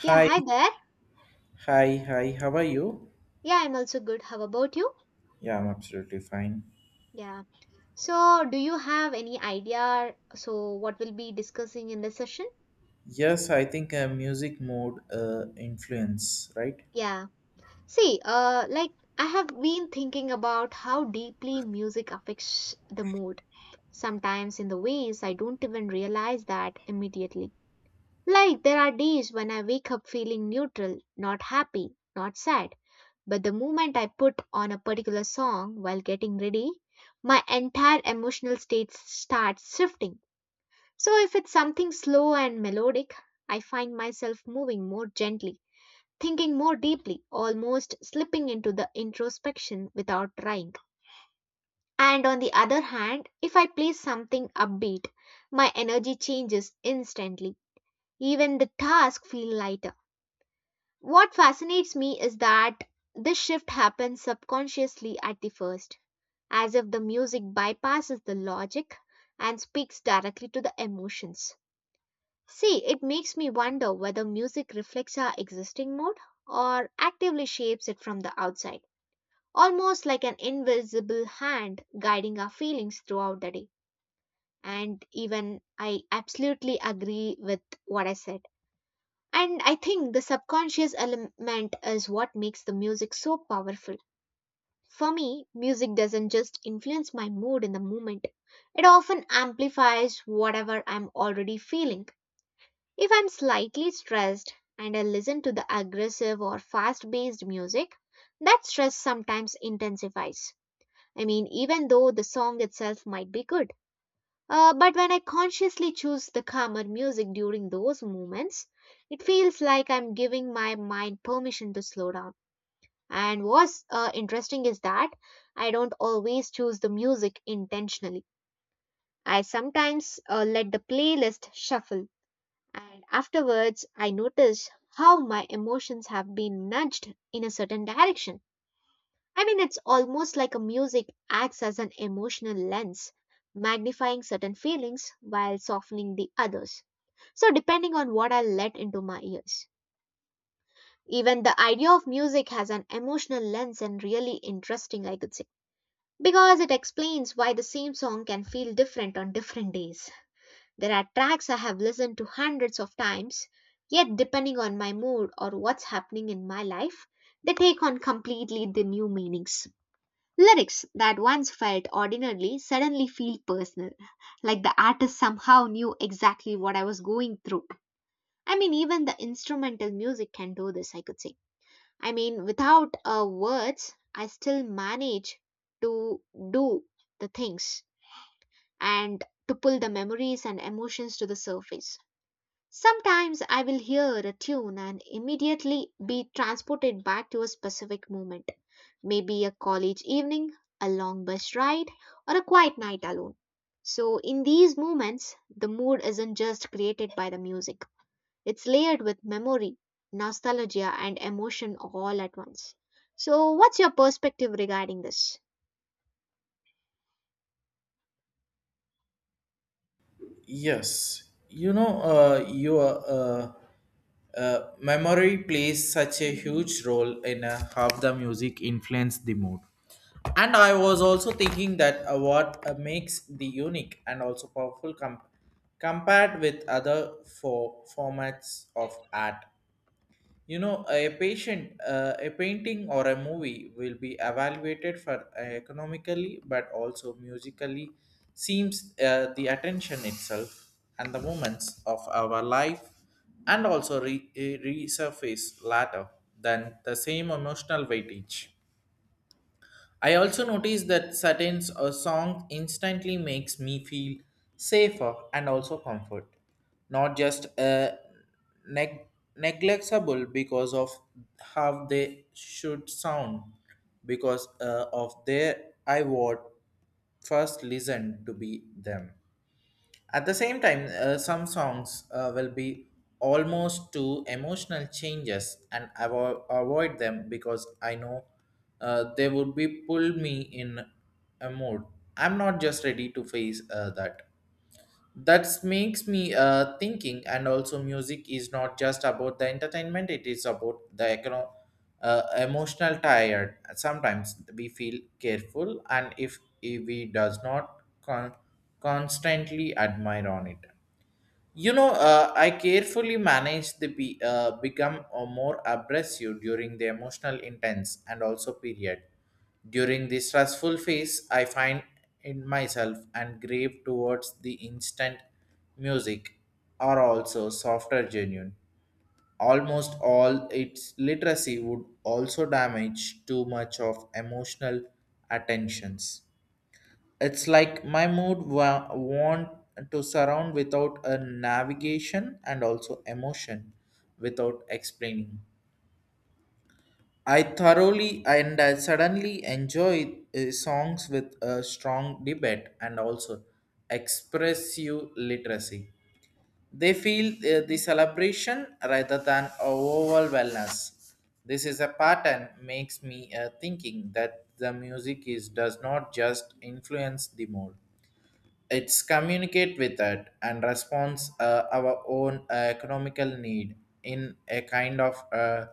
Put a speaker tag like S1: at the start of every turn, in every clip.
S1: Yeah,
S2: Hi,
S1: hi there.
S2: hi, hi. How are you?
S1: Yeah, I'm also good. How about you?
S2: Yeah, I'm absolutely fine.
S1: Yeah. So, do you have any idea? So, what we'll be discussing in this session?
S2: Yes, I think music mode influence, right?
S1: Yeah. See, like I have been thinking about how deeply music affects the mood. Sometimes in the ways I don't even realize that immediately. Like there are days when I wake up feeling neutral, not happy, not sad, but the moment I put on a particular song while getting ready, my entire emotional state starts shifting. So if it's something slow and melodic, I find myself moving more gently, thinking more deeply, almost slipping into the introspection without trying. And on the other hand, if I play something upbeat, my energy changes instantly. Even the task feels lighter. What fascinates me is that this shift happens subconsciously at the first, as if the music bypasses the logic and speaks directly to the emotions. See, it makes me wonder whether music reflects our existing mood or actively shapes it from the outside, almost like an invisible hand guiding our feelings throughout the day. And even I absolutely agree with what I said. And I think the subconscious element is what makes the music so powerful. For me, music doesn't just influence my mood in the moment, it often amplifies whatever I'm already feeling. If I'm slightly stressed and I listen to the aggressive or fast based music, that stress sometimes intensifies. I mean, even though the song itself might be good. But when I consciously choose the calmer music during those moments, it feels like I'm giving my mind permission to slow down. And what's interesting is that I don't always choose the music intentionally. I sometimes let the playlist shuffle, and afterwards, I notice how my emotions have been nudged in a certain direction. I mean, it's almost like a music acts as an emotional lens, magnifying certain feelings while softening the others. So, depending on what I let into my ears. Even the idea of music has an emotional lens and really interesting, I could say, because it explains why the same song can feel different on different days. There are tracks I have listened to hundreds of times, yet, depending on my mood or what's happening in my life, they take on completely the new meanings. Lyrics that once felt ordinary suddenly feel personal, like the artist somehow knew exactly what I was going through. I mean, even the instrumental music can do this, I could say. I mean, without words, I still manage to do the things and to pull the memories and emotions to the surface. Sometimes I will hear a tune and immediately be transported back to a specific moment, maybe a college evening, a long bus ride, or a quiet night alone. So, in these moments, the mood isn't just created by the music, it's layered with memory, nostalgia, and emotion all at once. So, what's your perspective regarding this?
S2: Yes, you know, you are. Memory plays such a huge role in how the music influence the mood. And I was also thinking that what makes the unique and also powerful compared with other formats of art. You know, a patient, a painting or a movie will be evaluated for economically, but also musically. Seems the attention itself and the moments of our life, and also resurface later than the same emotional weightage. I also notice that certain a song instantly makes me feel safer and also comfort, not just neg- neglectable because of how they should sound, because of their I would first listen to be them. At the same time, some songs will be almost to emotional changes and I will avoid them because I know they would be pull me in a mood. I'm not just ready to face that that makes me thinking, and also music is not just about the entertainment, it is about the emotional tired. Sometimes we feel careful, and if we does not constantly admire on it. You know, I carefully manage the become a more abrasive during the emotional intense and also period. During the stressful phase, I find in myself and grave towards the instant music are also softer genuine. Almost all its literacy would also damage too much of emotional attentions. It's like my mood want to surround without a navigation and also emotion without explaining. I thoroughly and I suddenly enjoy songs with a strong debate and also expressive literacy. They feel the celebration rather than a overall wellness. This is a pattern makes me thinking that the music is does not just influence the mood, it's communicate with that and responds our own economical need in a kind of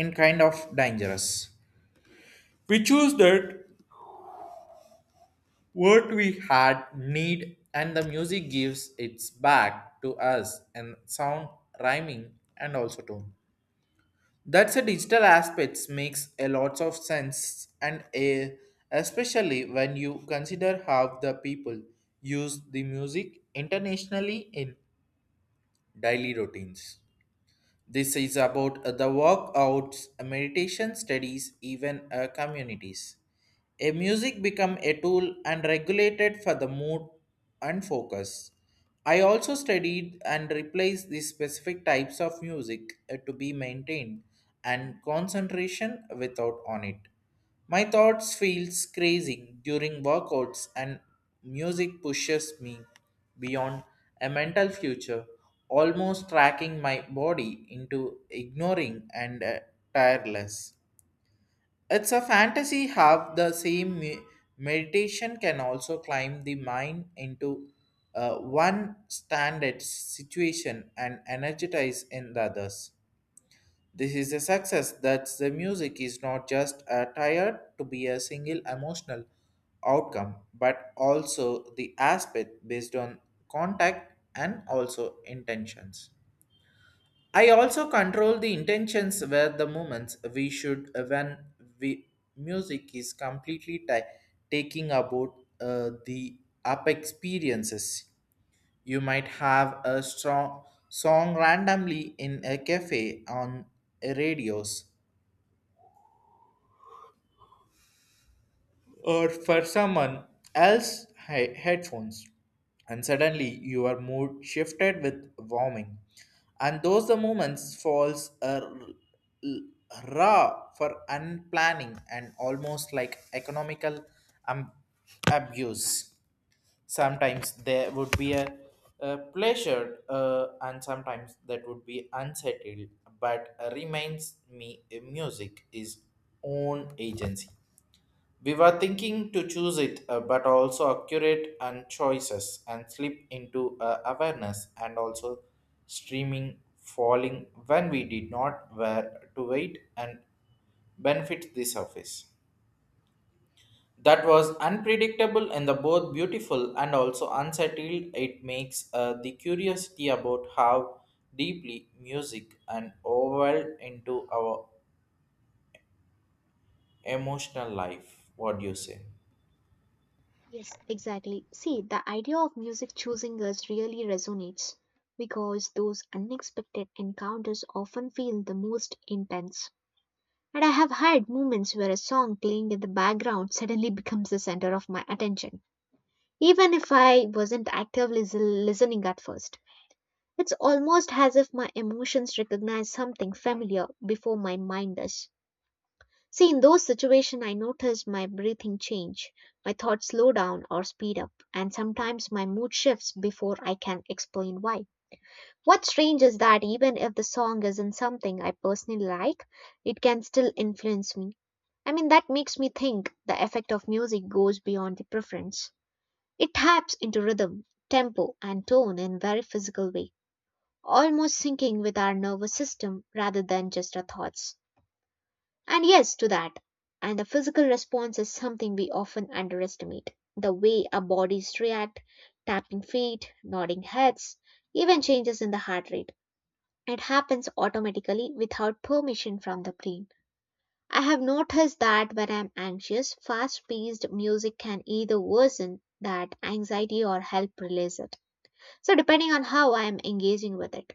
S2: in kind of dangerous. We choose that what we had need, and the music gives its back to us and sound rhyming and also tone. That's a digital aspects makes a lot of sense, and especially when you consider how the people use the music internationally in daily routines. This is about the workouts, meditation studies, even communities. A music become a tool and regulated for the mood and focus. I also studied and replaced the specific types of music to be maintained and concentration without on it. My thoughts feels crazy during workouts, and music pushes me beyond a mental future, almost tracking my body into ignoring and tireless. It's a fantasy have the same meditation can also climb the mind into one standard situation and energize in the others. This is a success that the music is not just a tired to be a single emotional outcome, but also the aspect based on contact and also intentions. I also control the intentions where the moments we should when we music is completely taking about the up experiences. You might have a strong song randomly in a cafe on radios or for someone else headphones, and suddenly your mood shifted with warming, and those the moments falls are l- raw for unplanning and almost like economical um, abuse. Sometimes there would be a pleasure, and sometimes that would be unsettled, but reminds me music is own agency. We were thinking to choose it, but also accurate and choices and slip into awareness and also streaming falling when we did not were to wait and benefit the surface. That was unpredictable and the both beautiful and also unsettled. It makes the curiosity about how deeply music and overwhelmed into our emotional life. What do you say?
S1: Yes, exactly. See, the idea of music choosing us really resonates because those unexpected encounters often feel the most intense. And I have had moments where a song playing in the background suddenly becomes the center of my attention, even if I wasn't actively listening at first. It's almost as if my emotions recognize something familiar before my mind does. See, in those situations, I notice my breathing change, my thoughts slow down or speed up, and sometimes my mood shifts before I can explain why. What's strange is that even if the song isn't something I personally like, it can still influence me. I mean, that makes me think the effect of music goes beyond the preference. It taps into rhythm, tempo, and tone in very physical way, almost syncing with our nervous system rather than just our thoughts. And yes, to that. And the physical response is something we often underestimate. The way our bodies react, tapping feet, nodding heads, even changes in the heart rate. It happens automatically without permission from the brain. I have noticed that when I'm anxious, fast paced music can either worsen that anxiety or help release it. So, depending on how I am engaging with it.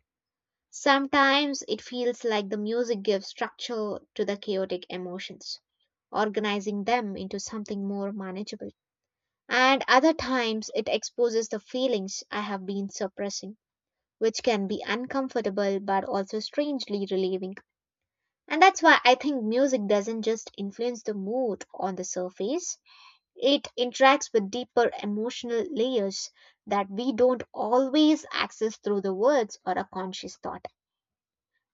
S1: Sometimes it feels like the music gives structure to the chaotic emotions, organizing them into something more manageable. And other times it exposes the feelings I have been suppressing, which can be uncomfortable but also strangely relieving. And that's why I think music doesn't just influence the mood on the surface, it interacts with deeper emotional layers that we don't always access through the words or a conscious thought.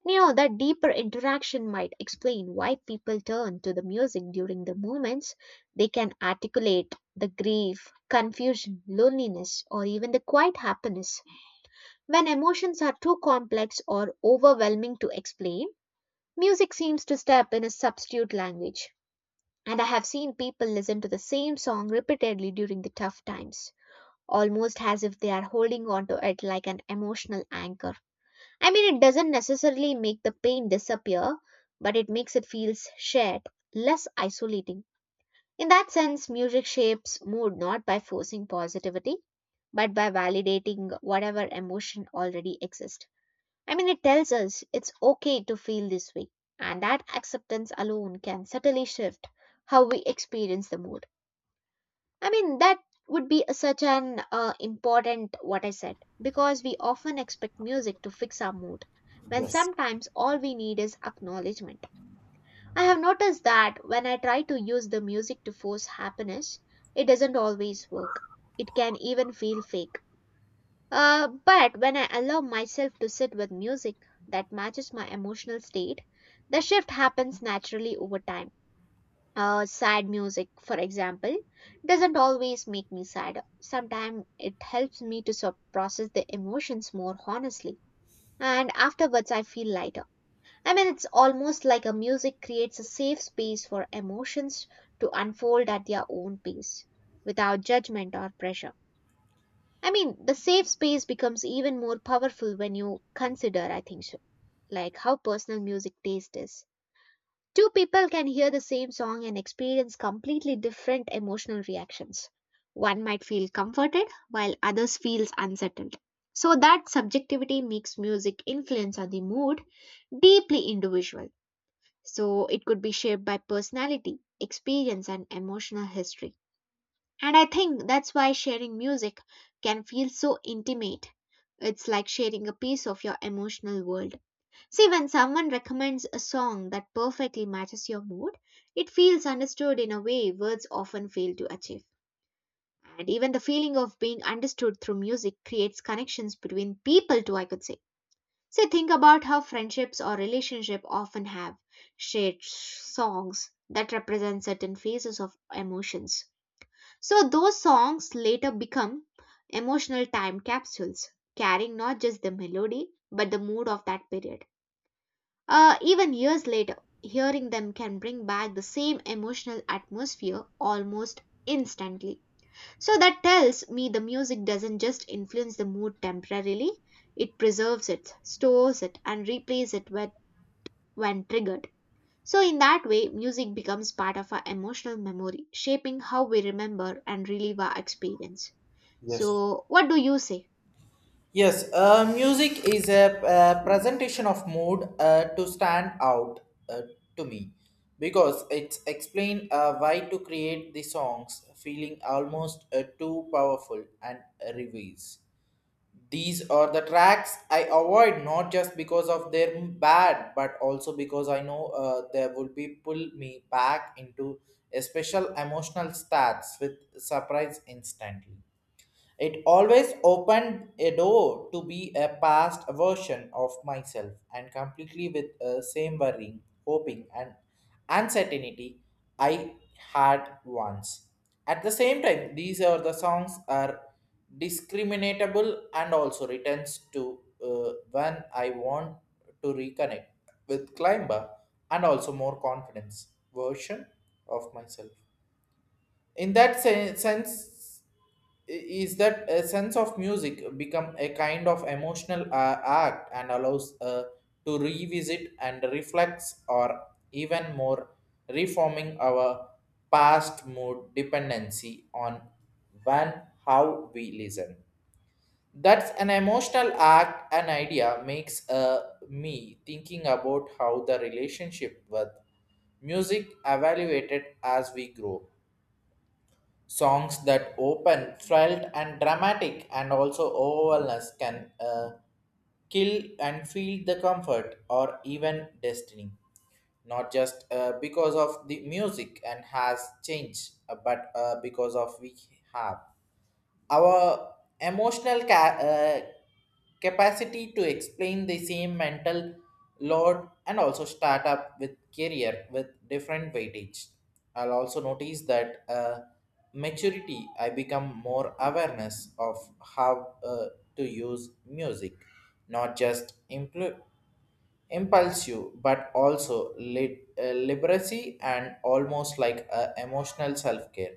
S1: You know, that deeper interaction might explain why people turn to the music during the moments they can articulate the grief, confusion, loneliness, or even the quiet happiness. When emotions are too complex or overwhelming to explain, music seems to step in a substitute language. And I have seen people listen to the same song repeatedly during the tough times, almost as if they are holding on to it like an emotional anchor. I mean, it doesn't necessarily make the pain disappear, but it makes it feel shared, less isolating. In that sense, music shapes mood not by forcing positivity, but by validating whatever emotion already exists. I mean, it tells us it's okay to feel this way, and that acceptance alone can subtly shift how we experience the mood. I mean, that would be such an important what I said, because we often expect music to fix our mood when
S2: Yes,
S1: sometimes all we need is acknowledgement. I have noticed that when I try to use the music to force happiness, it doesn't always work. It can even feel fake. But when I allow myself to sit with music that matches my emotional state, the shift happens naturally over time. Sad music, for example, doesn't always make me sad. Sometimes it helps me to sort process the emotions more honestly. And afterwards, I feel lighter. I mean, it's almost like a music creates a safe space for emotions to unfold at their own pace, without judgment or pressure. I mean, the safe space becomes even more powerful when you consider, I think so, like how personal music taste is. Two people can hear the same song and experience completely different emotional reactions. One might feel comforted while others feels unsettled. So that subjectivity makes music influence on the mood deeply individual. So it could be shaped by personality, experience and emotional history. And I think that's why sharing music can feel so intimate. It's like sharing a piece of your emotional world. See, when someone recommends a song that perfectly matches your mood, it feels understood in a way words often fail to achieve. And even the feeling of being understood through music creates connections between people, too, I could say. See, think about how friendships or relationships often have shared songs that represent certain phases of emotions. So, those songs later become emotional time capsules, carrying not just the melody, but the mood of that period. Even years later, hearing them can bring back the same emotional atmosphere almost instantly. So that tells me the music doesn't just influence the mood temporarily, it preserves it, stores it, and replays it with, when triggered. So, in that way, music becomes part of our emotional memory, shaping how we remember and relive our experience.
S2: yes.
S1: So, what do you say?
S2: Yes, music is a presentation of mood to stand out uh, to me, because it's explain why to create the songs feeling almost too powerful and reveals. These are the tracks I avoid, not just because of their bad, but also because I know they would be pull me back into a special emotional stats with surprise instantly. It always opened a door to be a past version of myself and completely with the same worrying, hoping, and uncertainty I had once. At the same time, these are the songs are discriminatable and also returns to when I want to reconnect with climber and also more confidence version of myself. In that sense, i- is that a sense of music become a kind of emotional act and allows to revisit and reflects, or even more reforming our past mood, dependency on when how we listen. That's an emotional act, an idea makes me thinking about how the relationship with music evaluated as we grow. Songs that open, thrilled, and dramatic, and also overwhelmness can kill and feel the comfort or even destiny. Not just because of the music and has changed, but because of we have our emotional capacity to explain the same mental load and also start up with career with different weightage. I'll also notice that maturity I become more awareness of how to use music, not just impulsive but also literacy, and almost like a emotional self-care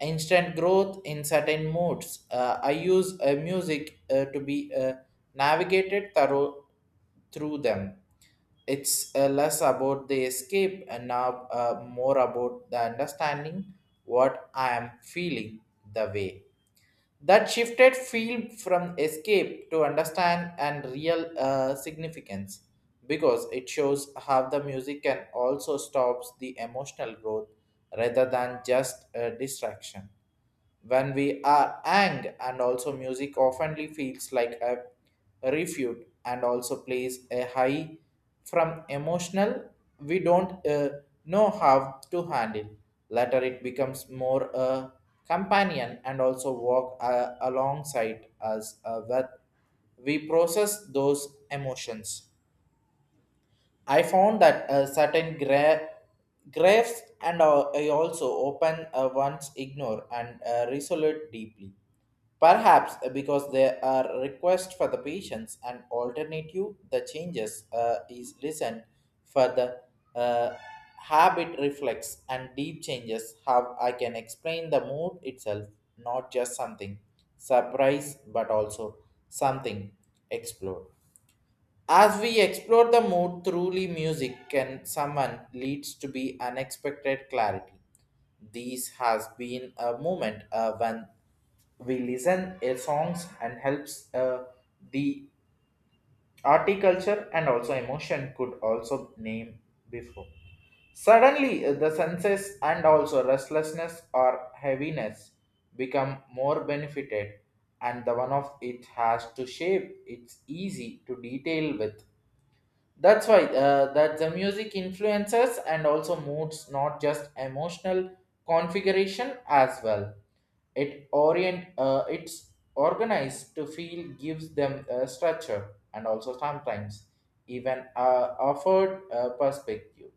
S2: instant growth in certain modes. I use music to be navigated thorough through them. It's less about the escape, and now more about the understanding what I am feeling the way. That shifted feel from escape to understand and real significance, because it shows how the music can also stops the emotional growth rather than just a distraction. When we are ang, and also music oftenly feels like a refuge and also plays a high from emotional we don't know how to handle. Later it becomes more a companion and also walk alongside us with we process those emotions. I found that certain graves, and I also open one's ignore, and resolute deeply. Perhaps because there are requests for the patients and alternative, the changes is listened for the uh, habit reflex and deep changes. How I can explain the mood itself, not just something surprise, but also something explore. As we explore the mood truly, music can summon leads to be unexpected clarity. This has been a moment when we listen a songs and helps the horticulture and also emotion could also name before. Suddenly, the senses and also restlessness or heaviness become more benefited, and the one of it has to shape. It's easy to detail with. That's why that the music influences and also moods, not just emotional configuration as well. It orient it's organized to feel gives them a structure and also sometimes even offered a perspective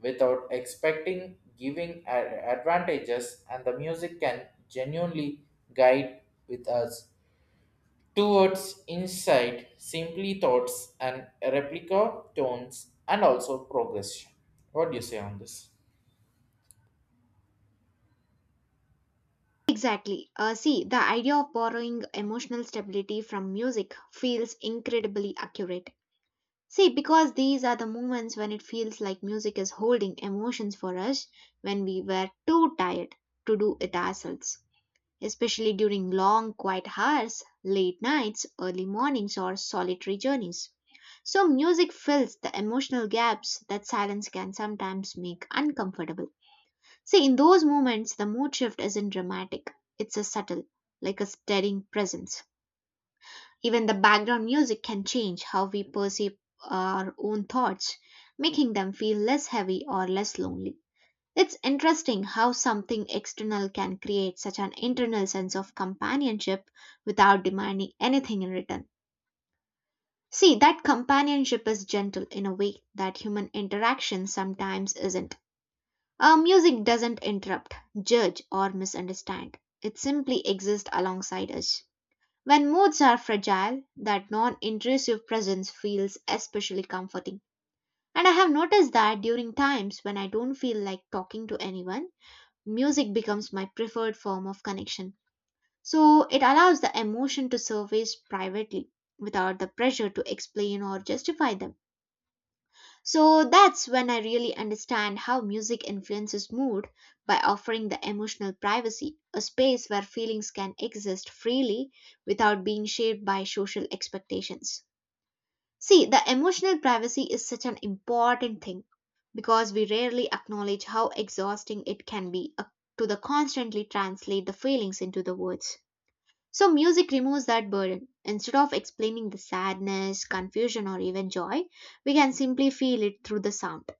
S2: without expecting giving advantages, and the music can genuinely guide with us towards inside, simply thoughts, and replica tones, and also progression. What do you say on this?
S1: Exactly. See, the idea of borrowing emotional stability from music feels incredibly accurate. See, because these are the moments when it feels like music is holding emotions for us when we were too tired to do it ourselves, especially during long, quiet hours, late nights, early mornings, or solitary journeys. So, music fills the emotional gaps that silence can sometimes make uncomfortable. See, in those moments, the mood shift isn't dramatic, it's a subtle, like a steadying presence. Even the background music can change how we perceive our own thoughts, making them feel less heavy or less lonely. It's interesting how something external can create such an internal sense of companionship without demanding anything in return. See, that companionship is gentle in a way that human interaction sometimes isn't. Music doesn't interrupt, judge, or misunderstand. It simply exists alongside us. When moods are fragile, that non intrusive presence feels especially comforting. And I have noticed that during times when I don't feel like talking to anyone, music becomes my preferred form of connection. So it allows the emotion to surface privately without the pressure to explain or justify them. So that's when I really understand how music influences mood by offering the emotional privacy, a space where feelings can exist freely without being shaped by social expectations. See, the emotional privacy is such an important thing because we rarely acknowledge how exhausting it can be to the constantly translate the feelings into the words. So music removes that burden. Instead of explaining the sadness, confusion or even joy, we can simply feel it through the sound.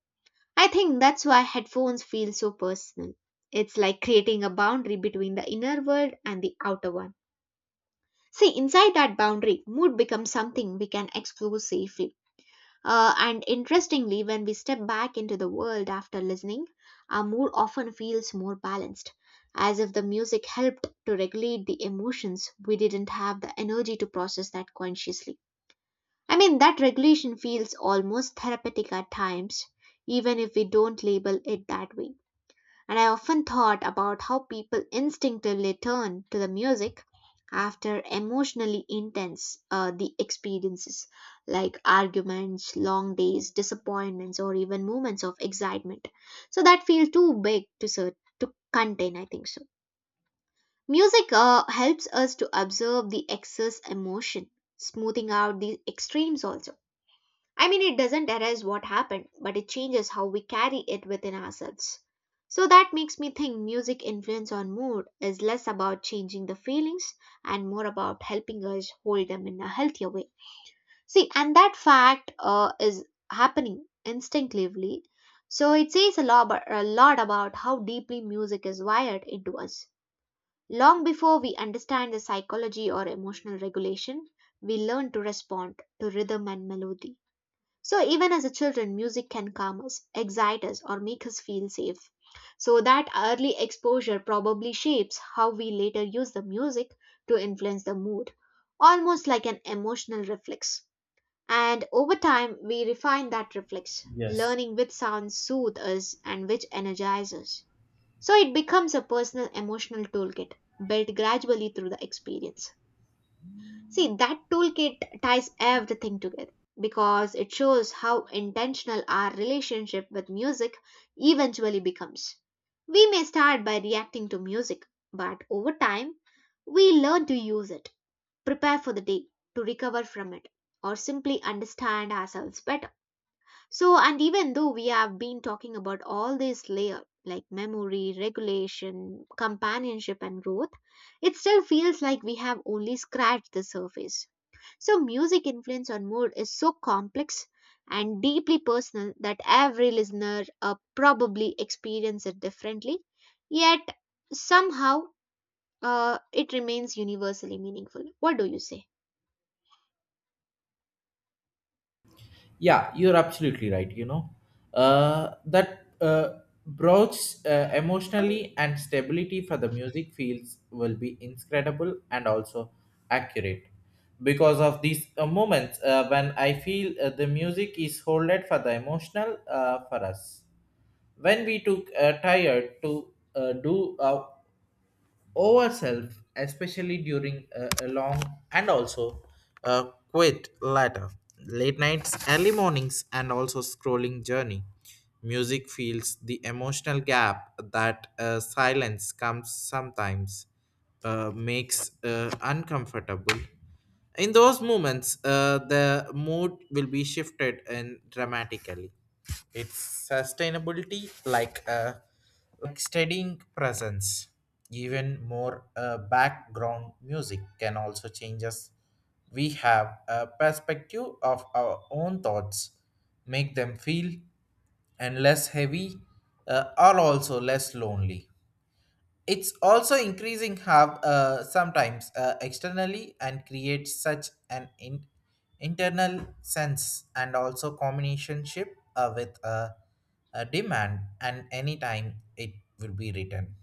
S1: I think that's why headphones feel so personal. It's like creating a boundary between the inner world and the outer one. See, inside that boundary, mood becomes something we can explore safely. And interestingly, when we step back into the world after listening, our mood often feels more balanced, as if the music helped to regulate the emotions we didn't have the energy to process that consciously. I mean, that regulation feels almost therapeutic at times, even if we don't label it that way, and I often thought about how people instinctively turn to the music after emotionally intense the experiences like arguments, long days, disappointments, or even moments of excitement so that feel too big to contain, I think so. Music helps us to observe the excess emotion, smoothing out the extremes also. I mean, it doesn't erase what happened, but it changes how we carry it within ourselves. So that makes me think music influence on mood is less about changing the feelings and more about helping us hold them in a healthier way. See, and that fact is happening instinctively. So it says a lot about how deeply music is wired into us. Long before we understand the psychology or emotional regulation, we learn to respond to rhythm and melody. So even as a children, music can calm us, excite us, or make us feel safe. So that early exposure probably shapes how we later use the music to influence the mood, almost like an emotional reflex. And over time, we refine that reflex,
S2: Yes.
S1: learning which sounds soothe us and which energize us. So it becomes a personal emotional toolkit, built gradually through the experience. See, that toolkit ties everything together because it shows how intentional our relationship with music eventually becomes. We may start by reacting to music, but over time, we learn to use it, prepare for the day, to recover from it, or simply understand ourselves better. So, and even though we have been talking about all these layers like memory, regulation, companionship, and growth, it still feels like we have only scratched the surface. So, music influence on mood is so complex and deeply personal that every listener probably experiences it differently, yet somehow it remains universally meaningful. What do you say?
S2: Yeah, you're absolutely right. You know, that broach emotionally and stability for the music fields will be incredible and also accurate, because of these moments when I feel the music is holded for the emotional for us when we too tired to do ourselves, especially during a long and also a quit later. Late nights, early mornings, and also scrolling journey. Music feels the emotional gap that silence comes sometimes makes uncomfortable. In those moments, the mood will be shifted and dramatically. It's sustainability like a studying presence, even more background music can also change us. We have a perspective of our own thoughts, make them feel and less heavy, or also less lonely. It's also increasing have sometimes externally and creates such an internal sense and also combinationship with a demand, and anytime it will be written.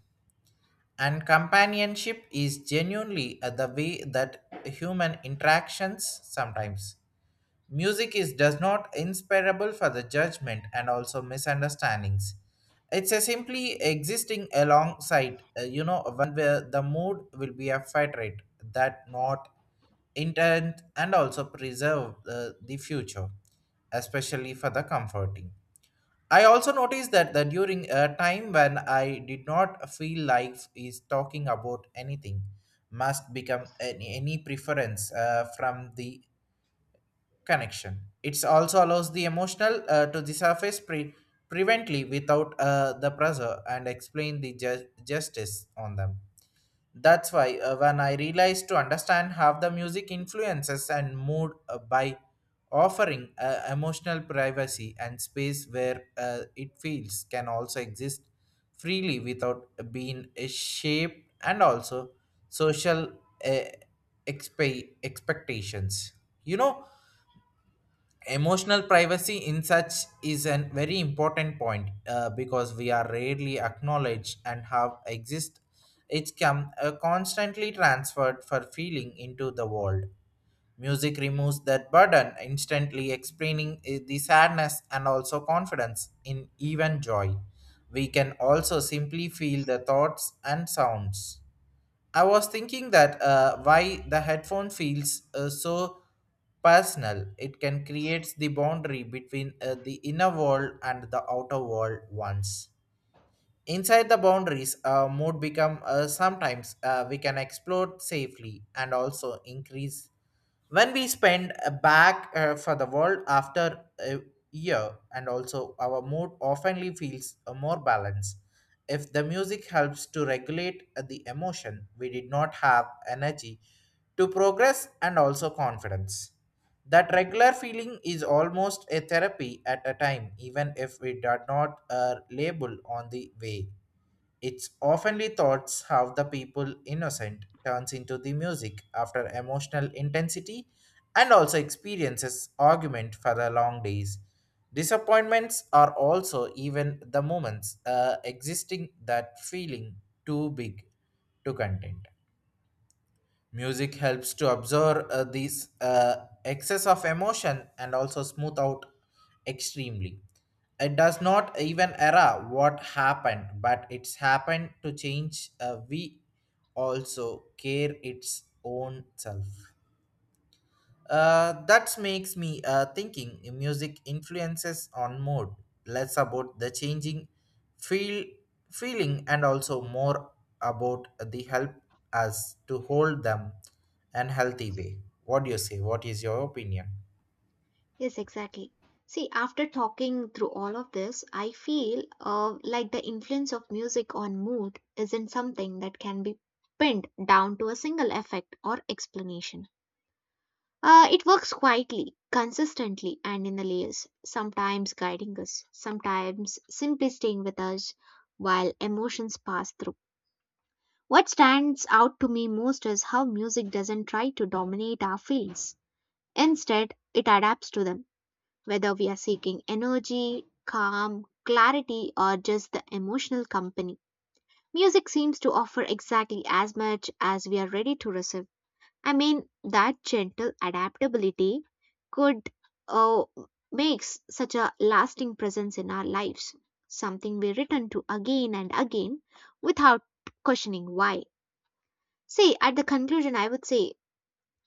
S2: And companionship is genuinely the way that human interactions sometimes. Music is does not inspirable for the judgment and also misunderstandings. It's a simply existing alongside, you know, one where the mood will be a federate that not intent and also preserve the future, especially for the comforting. I also noticed that during a time when I did not feel life is talking about anything, must become any preference from the connection. It also allows the emotional to the surface prevently without the pressure and explain the justice on them. That's why when I realized to understand how the music influences and mood by offering emotional privacy and space where it feels can also exist freely without being shaped and also social uh, expectations. You know, emotional privacy in such is a very important point, because we are rarely acknowledged and have exist. It can constantly transferred for feeling into the world. Music removes that burden instantly explaining the sadness and also confidence in even joy. We can also simply feel the thoughts and sounds. I was thinking that why the headphone feels so personal. It can create the boundary between the inner world and the outer world once. Inside the boundaries, mood become sometimes we can explore safely and also increase when we spend back for the world after a year, and also our mood oftenly feels more balanced. If the music helps to regulate the emotion, we did not have energy to progress and also confidence. That regular feeling is almost a therapy at a time, even if we did not label on the way. It's oftenly thoughts how the people innocent turns into the music after emotional intensity and also experiences argument for the long days. Disappointments are also even the moments existing that feeling too big to content. Music helps to absorb these excess of emotion and also smooth out extremely. It does not even error what happened, but it's happened to change. We also care its own self. That makes me thinking music influences on mood, less about the changing feel feeling, and also more about the help us to hold them and healthy way. What do you say? What is your opinion?
S1: Yes, exactly. See, after talking through all of this, I feel like the influence of music on mood isn't something that can be pinned down to a single effect or explanation. It works quietly, consistently, and in the layers, sometimes guiding us, sometimes simply staying with us while emotions pass through. What stands out to me most is how music doesn't try to dominate our feelings. Instead, it adapts to them, whether we are seeking energy, calm, clarity, or just the emotional company. Music seems to offer exactly as much as we are ready to receive. I mean, that gentle adaptability could uh, makes such a lasting presence in our lives, something we return to again and again without questioning why. See, at the conclusion, I would say,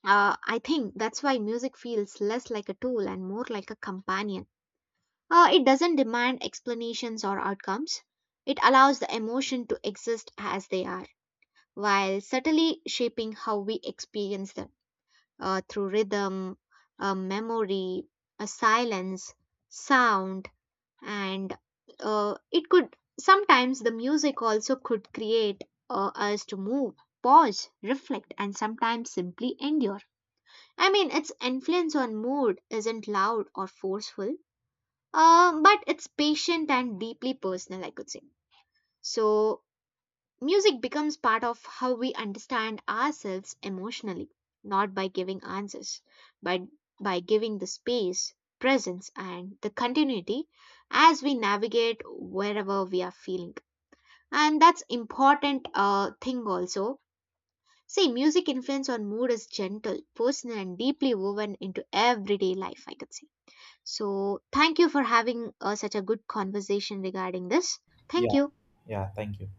S1: I think that's why music feels less like a tool and more like a companion. It doesn't demand explanations or outcomes. It allows the emotion to exist as they are, while subtly shaping how we experience them through rhythm, memory, a silence, sound, and it could sometimes the music also could create us to move, pause, reflect, and sometimes simply endure. I mean, its influence on mood isn't loud or forceful, but it's patient and deeply personal, I could say. So, music becomes part of how we understand ourselves emotionally, not by giving answers, but by giving the space, presence, and the continuity as we navigate wherever we are feeling. And that's important thing also. See, music influence on mood is gentle, personal, and deeply woven into everyday life, I could say. So, thank you for having such a good conversation regarding this. Thank
S2: Yeah,
S1: you.
S2: yeah, thank you.